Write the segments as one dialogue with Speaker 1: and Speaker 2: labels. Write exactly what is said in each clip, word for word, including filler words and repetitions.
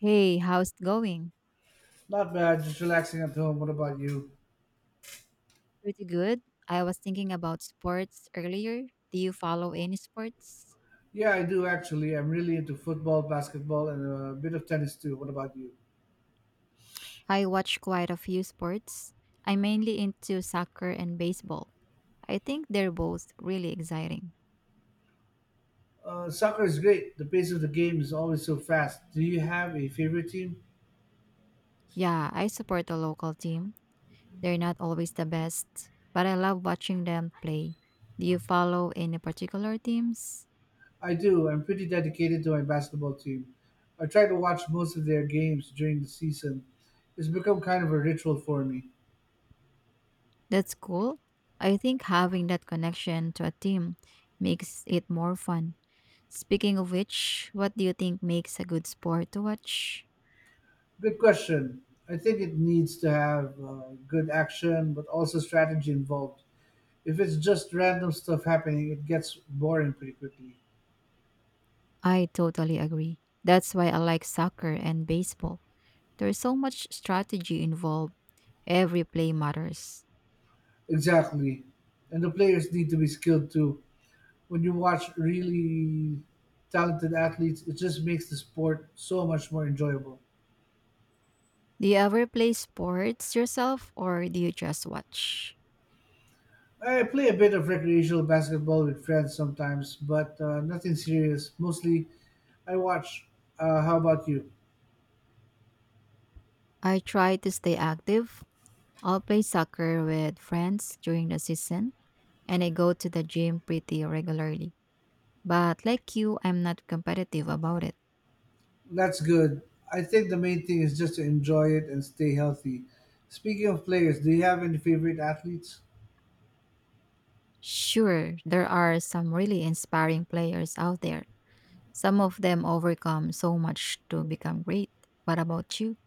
Speaker 1: Hey, how's it going?
Speaker 2: Not bad, just relaxing at home. What about you?
Speaker 1: Pretty good. I was thinking about sports earlier. Do you follow any sports?
Speaker 2: Yeah, I do actually. I'm really into football, basketball, and a bit of tennis too. What about you?
Speaker 1: I watch quite a few sports. I'm mainly into soccer and baseball. I think they're both really exciting.
Speaker 2: Uh, soccer is great. The pace of the game is always so fast. Do you have a favorite team?
Speaker 1: Yeah, I support a local team. They're not always the best, but I love watching them play. Do you follow any particular teams?
Speaker 2: I do. I'm pretty dedicated to my basketball team. I try to watch most of their games during the season. It's become kind of a ritual for me.
Speaker 1: That's cool. I think having that connection to a team makes it more fun. Speaking of which, what do you think makes a good sport to watch?
Speaker 2: Good question. I think it needs to have uh, good action, but also strategy involved. If it's just random stuff happening, it gets boring pretty quickly.
Speaker 1: I totally agree. That's why I like soccer and baseball. There's so much strategy involved, every play matters.
Speaker 2: Exactly. And the players need to be skilled too. When you watch really talented athletes, it just makes the sport so much more enjoyable.
Speaker 1: Do you ever play sports yourself or do you just watch?
Speaker 2: I play a bit of recreational basketball with friends sometimes, but uh, nothing serious. Mostly I watch. Uh, how about you?
Speaker 1: I try to stay active. I'll play soccer with friends during the season and I go to the gym pretty regularly. But like you, I'm not competitive about it.
Speaker 2: That's good. I think the main thing is just to enjoy it and stay healthy. Speaking of players, do you have any favorite athletes?
Speaker 1: Sure, there are some really inspiring players out there. Some of them overcome so much to become great. What about you?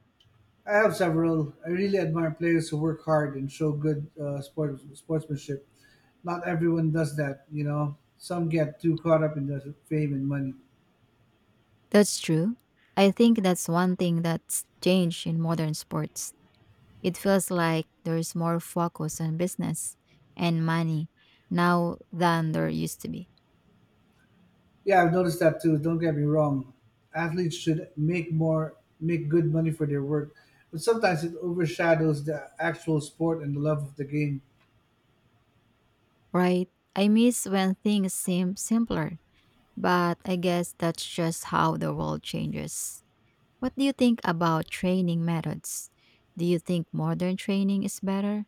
Speaker 2: I have several. I really admire players who work hard and show good uh, sport, sportsmanship. Not everyone does that, you know. Some get too caught up in the fame and money.
Speaker 1: That's true. I think that's one thing that's changed in modern sports. It feels like there's more focus on business and money now than there used to be.
Speaker 2: Yeah, I've noticed that too. Don't get me wrong. Athletes should make more, make good money for their work, but sometimes it overshadows the actual sport and the love of the game.
Speaker 1: Right? I miss when things seem simpler, but I guess that's just how the world changes. What do you think about training methods? Do you think modern training is better?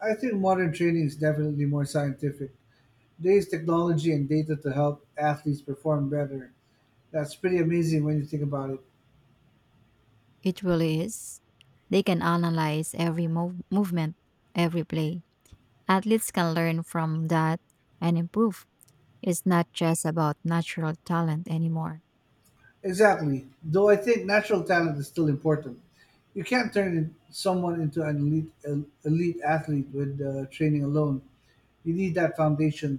Speaker 2: I think modern training is definitely more scientific. There's technology and data to help athletes perform better. That's pretty amazing when you think about it.
Speaker 1: It really is. They can analyze every mov- movement, every play. Athletes can learn from that and improve. It's not just about natural talent anymore.
Speaker 2: Exactly. Though I think natural talent is still important. You can't turn in- someone into an elite el- elite athlete with uh, training alone. You need that foundation.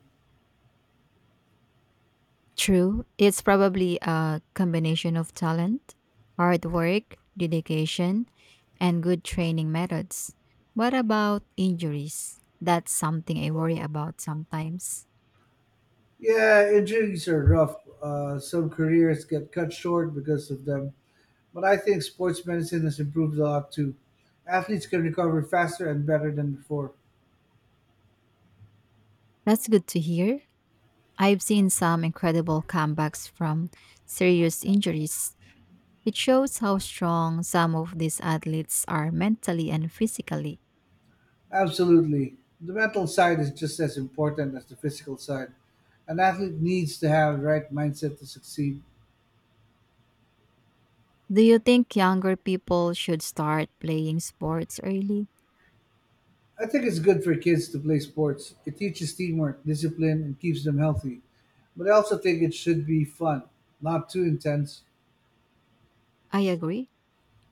Speaker 1: True, it's probably a combination of talent, hard work, dedication, and good training methods. What about injuries? That's something I worry about sometimes.
Speaker 2: Yeah, injuries are rough. Uh, some careers get cut short because of them. But I think sports medicine has improved a lot too. Athletes can recover faster and better than before.
Speaker 1: That's good to hear. I've seen some incredible comebacks from serious injuries. It shows how strong some of these athletes are mentally and physically.
Speaker 2: Absolutely. The mental side is just as important as the physical side. An athlete needs to have the right mindset to succeed.
Speaker 1: Do you think younger people should start playing sports early?
Speaker 2: I think it's good for kids to play sports. It teaches teamwork, discipline, and keeps them healthy. But I also think it should be fun, not too intense.
Speaker 1: I agree.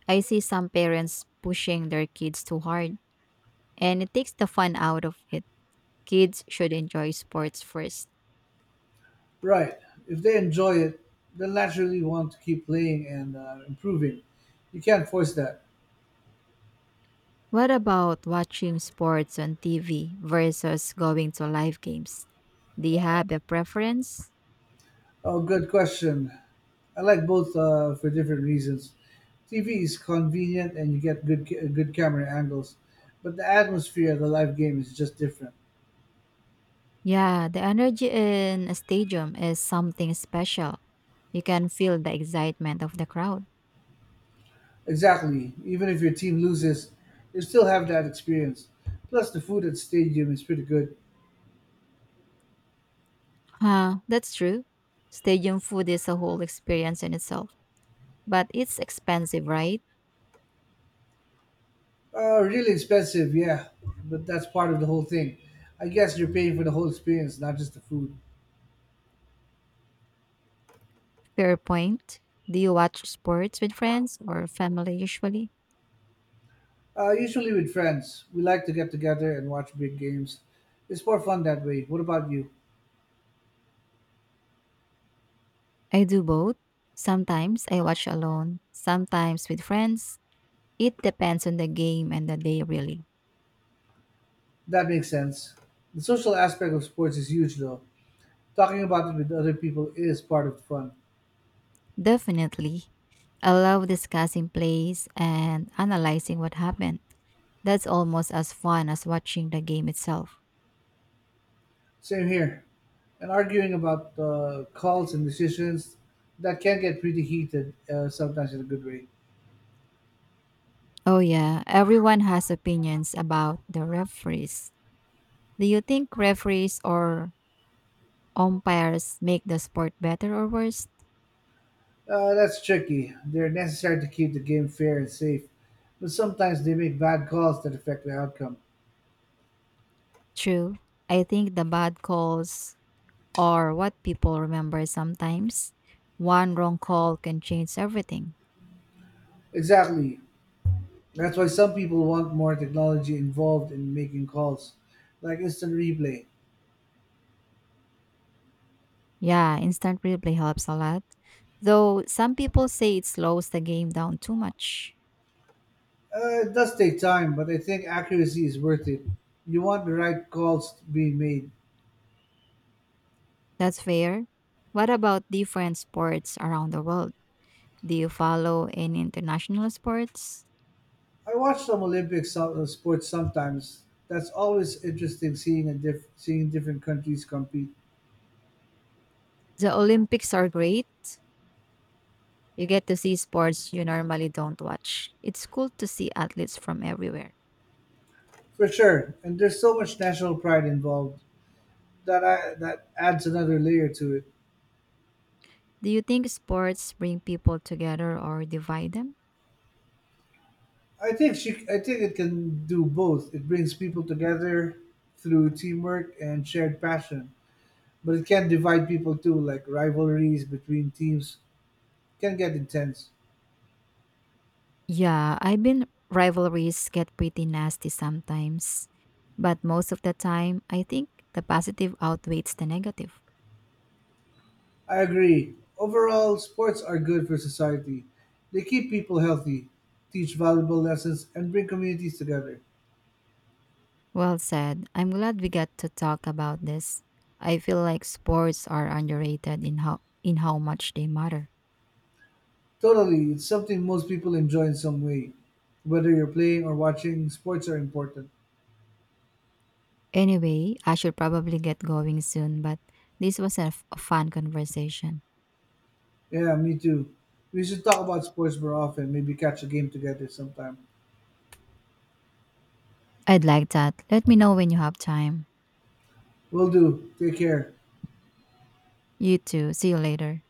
Speaker 1: I see some parents pushing their kids too hard, and it takes the fun out of it. Kids should enjoy sports first.
Speaker 2: Right. If they enjoy it, they'll naturally want to keep playing and uh, improving. You can't force that.
Speaker 1: What about watching sports on T V versus going to live games? Do you have a preference?
Speaker 2: Oh, good question. I like both, uh, for different reasons. T V is convenient and you get good ca- good camera angles, but the atmosphere of the live game is just different.
Speaker 1: Yeah, the energy in a stadium is something special. You can feel the excitement of the crowd.
Speaker 2: Exactly. Even if your team loses, you still have that experience. Plus, the food at the stadium is pretty good.
Speaker 1: Huh, that's true. Stadium food is a whole experience in itself, but it's expensive, right?
Speaker 2: Uh, really expensive, yeah, but that's part of the whole thing. I guess you're paying for the whole experience, not just the food.
Speaker 1: Fair point. Do you watch sports with friends or family usually?
Speaker 2: Uh, usually with friends, we like to get together and watch big games. It's more fun that way. What about you?
Speaker 1: I do both. Sometimes I watch alone, sometimes with friends, it depends on the game and the day, really.
Speaker 2: That makes sense. The social aspect of sports is huge, though. Talking about it with other people is part of the fun.
Speaker 1: Definitely. I love discussing plays and analyzing what happened. That's almost as fun as watching the game itself.
Speaker 2: Same here. And arguing about uh, calls and decisions that can get pretty heated, uh, sometimes in a good way.
Speaker 1: Oh, yeah, everyone has opinions about the referees. Do you think referees or umpires make the sport better or worse?
Speaker 2: Uh, that's tricky. They're necessary to keep the game fair and safe, but sometimes they make bad calls that affect the outcome.
Speaker 1: True. I think the bad calls are what people remember sometimes. One wrong call can change everything.
Speaker 2: Exactly. That's why some people want more technology involved in making calls, like instant replay.
Speaker 1: Yeah, instant replay helps a lot. Though some people say it slows the game down too much.
Speaker 2: Uh, it does take time, but I think accuracy is worth it. You want the right calls being made.
Speaker 1: That's fair. What about different sports around the world? Do you follow any international sports?
Speaker 2: I watch some Olympic so- uh, sports sometimes. That's always interesting seeing a diff- seeing different countries compete.
Speaker 1: The Olympics are great. You get to see sports you normally don't watch. It's cool to see athletes from everywhere.
Speaker 2: For sure, and there's so much national pride involved that I that adds another layer to it.
Speaker 1: Do you think sports bring people together or divide them?
Speaker 2: I think she I think it can do both. It brings people together through teamwork and shared passion, but it can divide people too. Like rivalries between teams can get intense.
Speaker 1: Yeah, I've been rivalries get pretty nasty sometimes, but most of the time, I think the positive outweighs the negative.
Speaker 2: I agree. Overall, sports are good for society. They keep people healthy, teach valuable lessons, and bring communities together.
Speaker 1: Well said. I'm glad we got to talk about this. I feel like sports are underrated in how in how much they matter.
Speaker 2: Totally, it's something most people enjoy in some way. Whether you're playing or watching, sports are important.
Speaker 1: Anyway, I should probably get going soon, but this was a, f- a fun conversation.
Speaker 2: Yeah, me too. We should talk about sports more often, maybe catch a game together sometime.
Speaker 1: I'd like that. Let me know when you have time.
Speaker 2: Will do. Take care.
Speaker 1: You too. See you later.